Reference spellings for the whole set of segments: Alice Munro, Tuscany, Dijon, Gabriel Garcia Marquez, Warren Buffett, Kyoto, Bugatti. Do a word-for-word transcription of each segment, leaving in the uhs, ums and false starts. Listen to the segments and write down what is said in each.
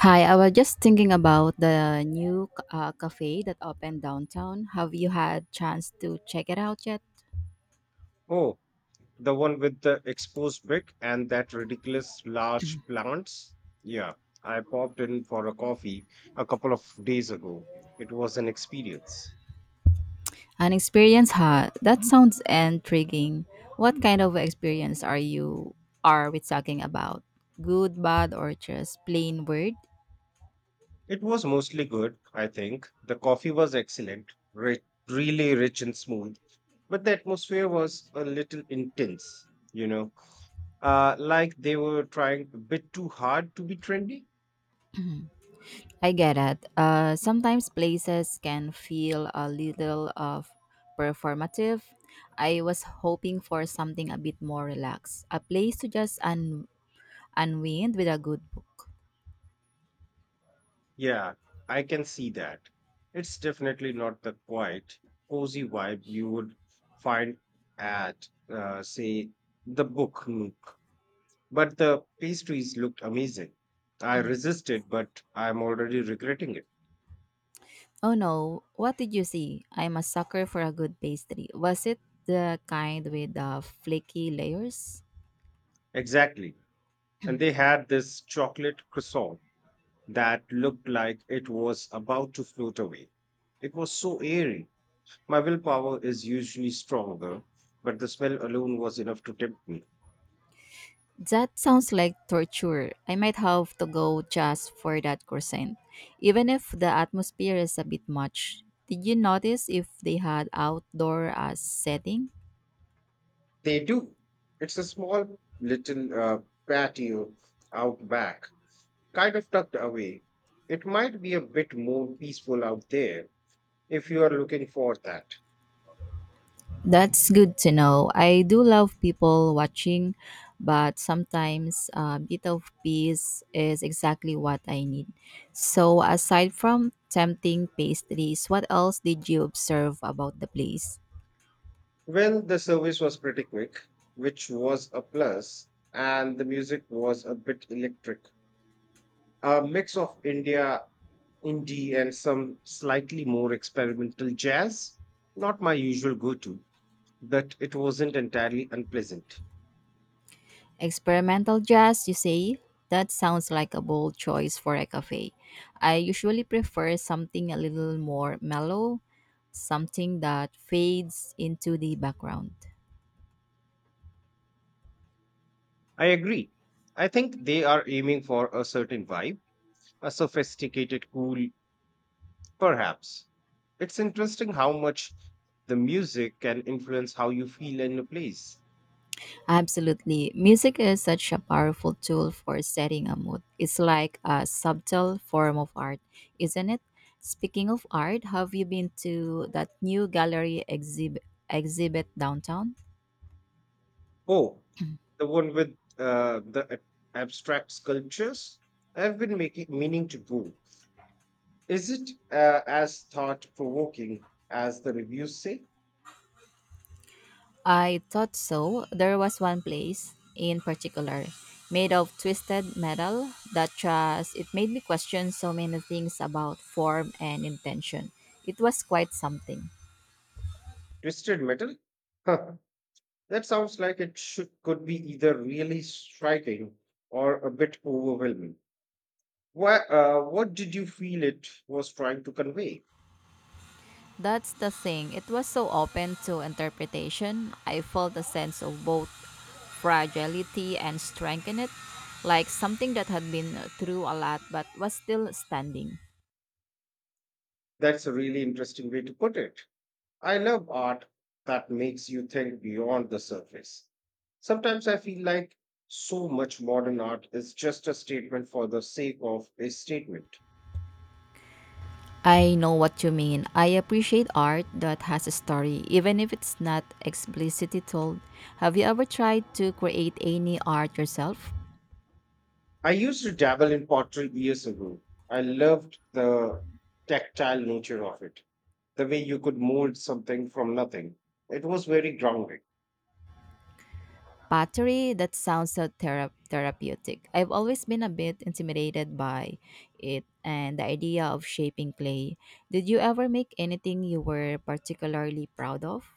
Hi, I was just thinking about the new uh, cafe that opened downtown. Have you had chance to check it out yet? Oh, the one with the exposed brick and that ridiculous large plants? Yeah, I popped in for a coffee a couple of days ago. It was an experience. An experience, huh? That sounds intriguing. What kind of experience are you are we talking about? Good, bad, or just plain weird? It was mostly good, I think. The coffee was excellent, rich, really rich and smooth, but the atmosphere was a little intense, you know, uh, like they were trying a bit too hard to be trendy. I get it. Uh, sometimes places can feel a little of performative. I was hoping for something a bit more relaxed, a place to just un- unwind with a good book. Yeah, I can see that. It's definitely not the quiet, cozy vibe you would find at, uh, say, the Book Nook. But the pastries looked amazing. I resisted, but I'm already regretting it. Oh no, what did you see? I'm a sucker for a good pastry. Was it the kind with the flaky layers? Exactly. And they had this chocolate croissant that looked like it was about to float away. It was so airy. My willpower is usually stronger, but the smell alone was enough to tempt me. That sounds like torture. I might have to go just for that croissant, even if the atmosphere is a bit much. Did you notice if they had outdoor as setting? They do. It's a small little uh, patio out back, kind of tucked away. It might be a bit more peaceful out there if you are looking for that. That's good to know. I do love people watching, but sometimes a bit of peace is exactly what I need. So, aside from tempting pastries, what else did you observe about the place? Well, the service was pretty quick, which was a plus, and the music was a bit electric. A mix of India indie and some slightly more experimental jazz. Not my usual go to, but it wasn't entirely unpleasant. Experimental jazz, you say? That sounds like a bold choice for a cafe. I usually prefer something a little more mellow, something that fades into the background. I agree. I think they are aiming for a certain vibe, a sophisticated, cool, perhaps. It's interesting how much the music can influence how you feel in a place. Absolutely. Music is such a powerful tool for setting a mood. It's like a subtle form of art, isn't it? Speaking of art, have you been to that new gallery exhibit exhibit downtown? Oh, the one with uh, the ab- abstract sculptures? I've been making meaning to go. Is it uh, as thought provoking as the reviews say? I thought so. There was one place in particular made of twisted metal that just it made me question so many things about form and intention. It was quite something. Twisted metal? Huh, that sounds like it should could be either really striking or a bit overwhelming. Why? Uh, what did you feel it was trying to convey? That's the thing. It was so open to interpretation. I felt a sense of both fragility and strength in it, like something that had been through a lot but was still standing. That's a really interesting way to put it. I love art that makes you think beyond the surface. Sometimes I feel like so much modern art is just a statement for the sake of a statement. I know what you mean. I appreciate art that has a story, even if it's not explicitly told. Have you ever tried to create any art yourself? I used to dabble in pottery years ago. I loved the tactile nature of it, the way you could mold something from nothing. It was very grounding. Pottery, that sounds so thera- therapeutic. I've always been a bit intimidated by it and the idea of shaping clay. Did you ever make anything you were particularly proud of?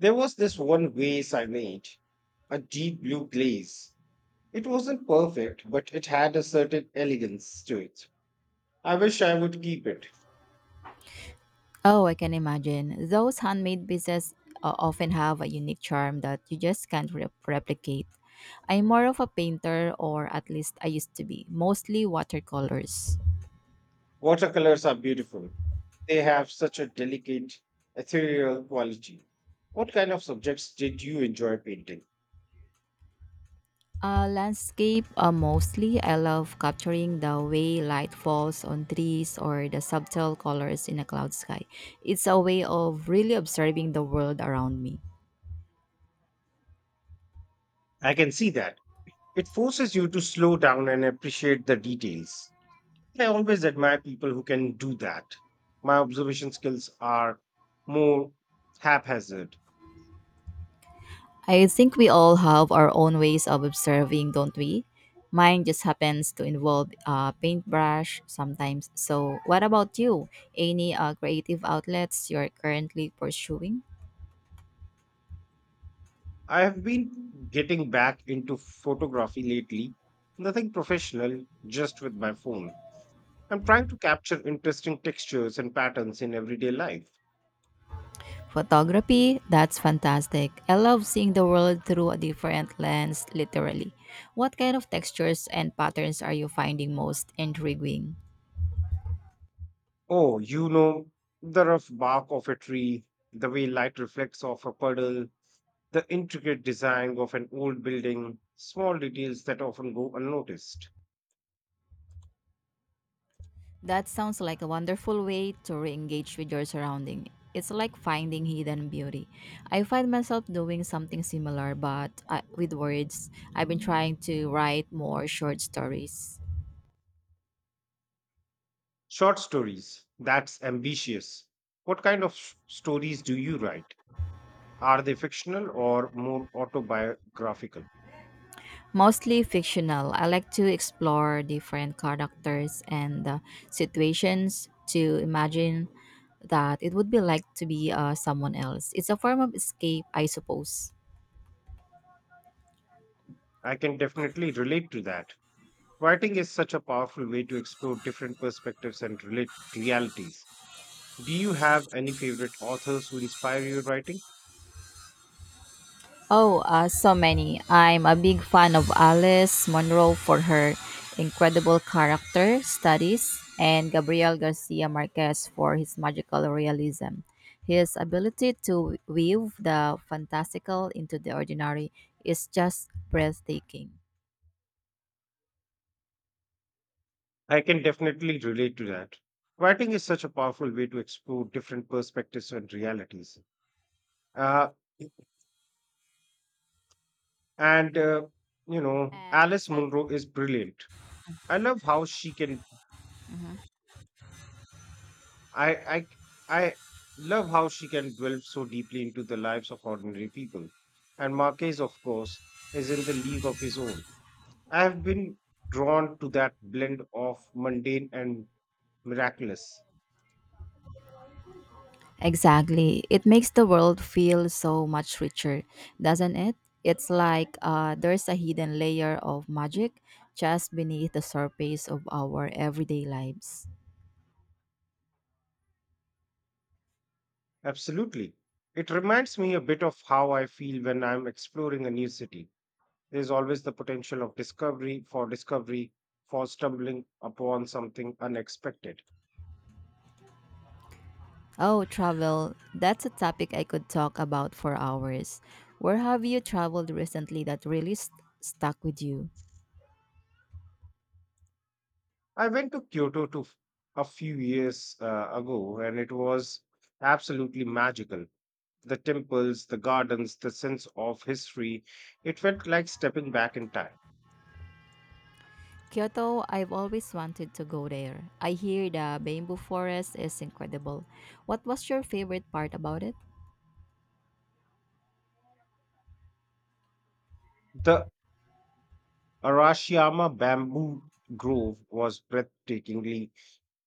There was this one vase I made, a deep blue glaze. It wasn't perfect, but it had a certain elegance to it. I wish I would keep it. Oh, I can imagine. Those handmade pieces uh, often have a unique charm that you just can't re- replicate. I'm more of a painter, or at least I used to be, mostly watercolors. Watercolors are beautiful. They have such a delicate, ethereal quality. What kind of subjects did you enjoy painting? Uh, landscape, uh, mostly. I love capturing the way light falls on trees or the subtle colors in a cloud sky. It's a way of really observing the world around me. I can see that. It forces you to slow down and appreciate the details. I always admire people who can do that. My observation skills are more haphazard. I think we all have our own ways of observing, don't we? Mine just happens to involve a paintbrush sometimes. So, what about you? Any uh, creative outlets you're currently pursuing? I have been getting back into photography lately. Nothing professional, just with my phone. I'm trying to capture interesting textures and patterns in everyday life. Photography, that's fantastic. I love seeing the world through a different lens, literally. What kind of textures and patterns are you finding most intriguing? Oh, you know, the rough bark of a tree, the way light reflects off a puddle, the intricate design of an old building, small details that often go unnoticed. That sounds like a wonderful way to re engage with your surrounding. It's like finding hidden beauty. I find myself doing something similar, but uh, with words. I've been trying to write more short stories, Short stories, that's ambitious. What kind of s- stories do you write? Are they fictional or more autobiographical? mostly fictional. I like to explore different characters and uh, situations to imagine that it would be like to be uh, someone else. It's a form of escape, I suppose. I can definitely relate to that. Writing is such a powerful way to explore different perspectives and relate realities. Do you have any favorite authors who inspire your writing? Oh, uh, so many. I'm a big fan of Alice Munro for her incredible character studies and Gabriel Garcia Marquez for his magical realism. His ability to weave the fantastical into the ordinary is just breathtaking. I can definitely relate to that. Writing is such a powerful way to explore different perspectives and realities. Uh, and uh, You know, Uh, Alice exactly. Munro is brilliant. i love how she can I I I love how she can delve so deeply into the lives of ordinary people. And Marquez, of course, is in the league of his own. I have been drawn to that blend of mundane and miraculous. Exactly. It makes the world feel so much richer, doesn't it? It's like uh, there's a hidden layer of magic just beneath the surface of our everyday lives. Absolutely. It reminds me a bit of how I feel when I'm exploring a new city. There's always the potential of discovery for discovery, for stumbling upon something unexpected. Oh, travel. That's a topic I could talk about for hours. Where have you traveled recently that really st- stuck with you? I went to Kyoto to f- a few years uh, ago, and it was absolutely magical. The temples, the gardens, the sense of history. It felt like stepping back in time. Kyoto, I've always wanted to go there. I hear the bamboo forest is incredible. What was your favorite part about it? The Arashiyama bamboo grove was breathtakingly,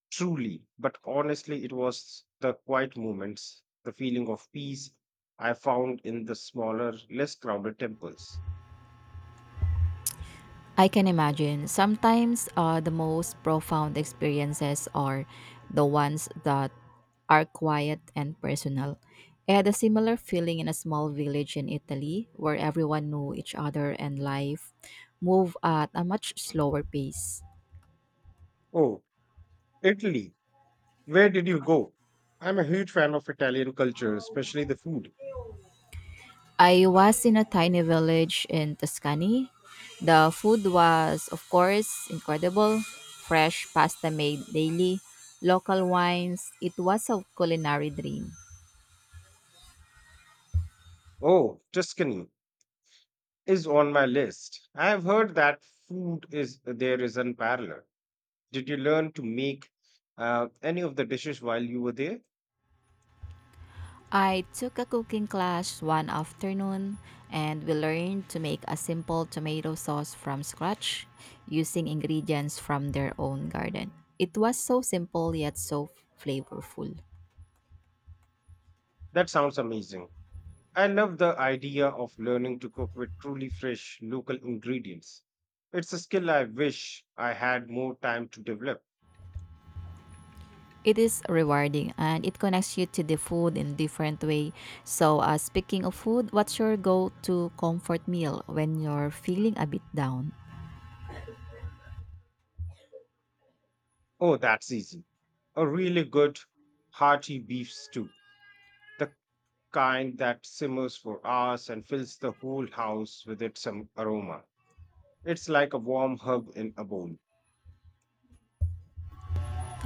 truly, but honestly, it was the quiet moments, the feeling of peace I found in the smaller, less crowded temples. I can imagine. Sometimes uh, the most profound experiences are the ones that are quiet and personal. I had a similar feeling in a small village in Italy where everyone knew each other and life moved at a much slower pace. Oh, Italy. Where did you go? I'm a huge fan of Italian culture, especially the food. I was in a tiny village in Tuscany. The food was, of course, incredible. Fresh pasta made daily, local wines. It was a culinary dream. Oh, Tuscany is on my list. I have heard that food is there is unparalleled. Did you learn to make uh, any of the dishes while you were there? I took a cooking class one afternoon and we learned to make a simple tomato sauce from scratch using ingredients from their own garden. It was so simple yet so flavorful. That sounds amazing. I love the idea of learning to cook with truly fresh local ingredients. It's a skill I wish I had more time to develop. It is rewarding and it connects you to the food in different way. So, uh, speaking of food, what's your go-to comfort meal when you're feeling a bit down? Oh, that's easy. A really good, hearty beef stew, the kind that simmers for hours and fills the whole house with its um, aroma. It's like a warm hug in a bowl.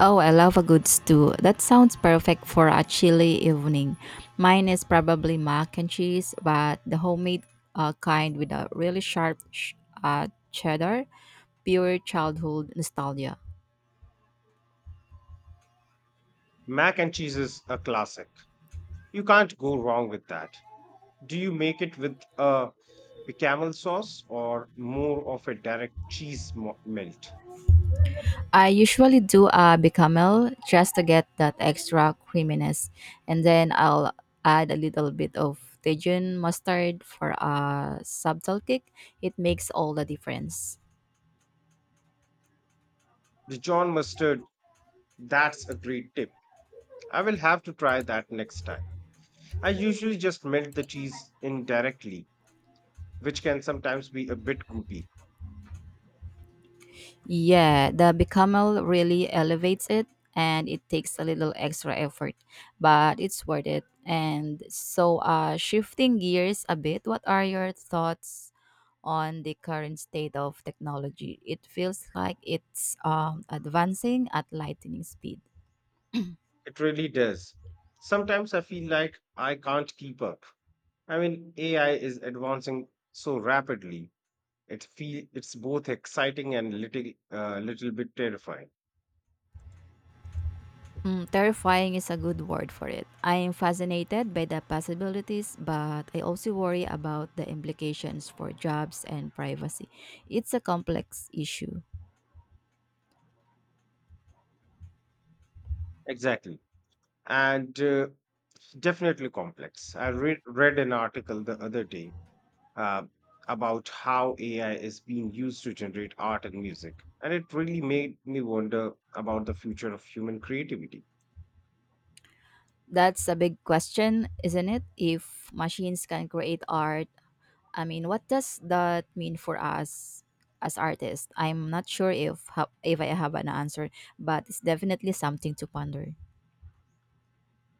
Oh, I love a good stew. That sounds perfect for a chilly evening. Mine is probably mac and cheese, but the homemade uh, kind with a really sharp sh- uh, cheddar, pure childhood nostalgia. Mac and cheese is a classic. You can't go wrong with that. Do you make it with a bechamel sauce or more of a direct cheese mo- melt? I usually do a bechamel just to get that extra creaminess, and then I'll add a little bit of Dijon mustard for a subtle kick. It makes all the difference. Dijon mustard, that's a great tip. I will have to try that next time. I usually just melt the cheese indirectly, which can sometimes be a bit goopy. Yeah, the becamel really elevates it and it takes a little extra effort, but it's worth it. And so, uh, shifting gears a bit, what are your thoughts on the current state of technology? It feels like it's um, advancing at lightning speed. It really does. Sometimes I feel like I can't keep up. I mean, A I is advancing so rapidly. It feel it's both exciting and little uh, little bit terrifying. Mm, terrifying is a good word for it. I am fascinated by the possibilities, but I also worry about the implications for jobs and privacy. It's a complex issue. Exactly. and uh, definitely complex. I read read an article the other day uh, about how A I is being used to generate art and music, and it really made me wonder about the future of human creativity. That's a big question, isn't it? If machines can create art, I mean, what does that mean for us as artists? I'm not sure if ha- if I have an answer, but it's definitely something to ponder.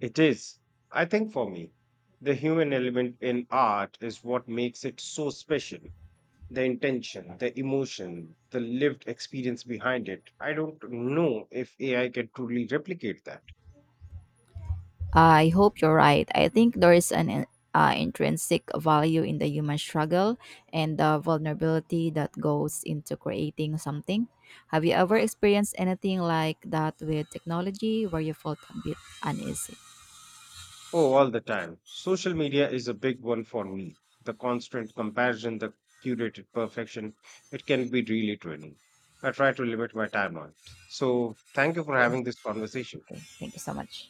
It is, I think, for me, the human element in art is what makes it so special. The intention, the emotion, the lived experience behind it. I don't know if A I can truly replicate that. I hope you're right. I think there is an in- uh, intrinsic value in the human struggle and the vulnerability that goes into creating something. Have you ever experienced anything like that with technology where you felt a bit uneasy? Oh, all the time. Social media is a big one for me. The constant comparison, the curated perfection, it can be really draining. I try to limit my time on it. So, thank you for having this conversation. Okay, thank you so much.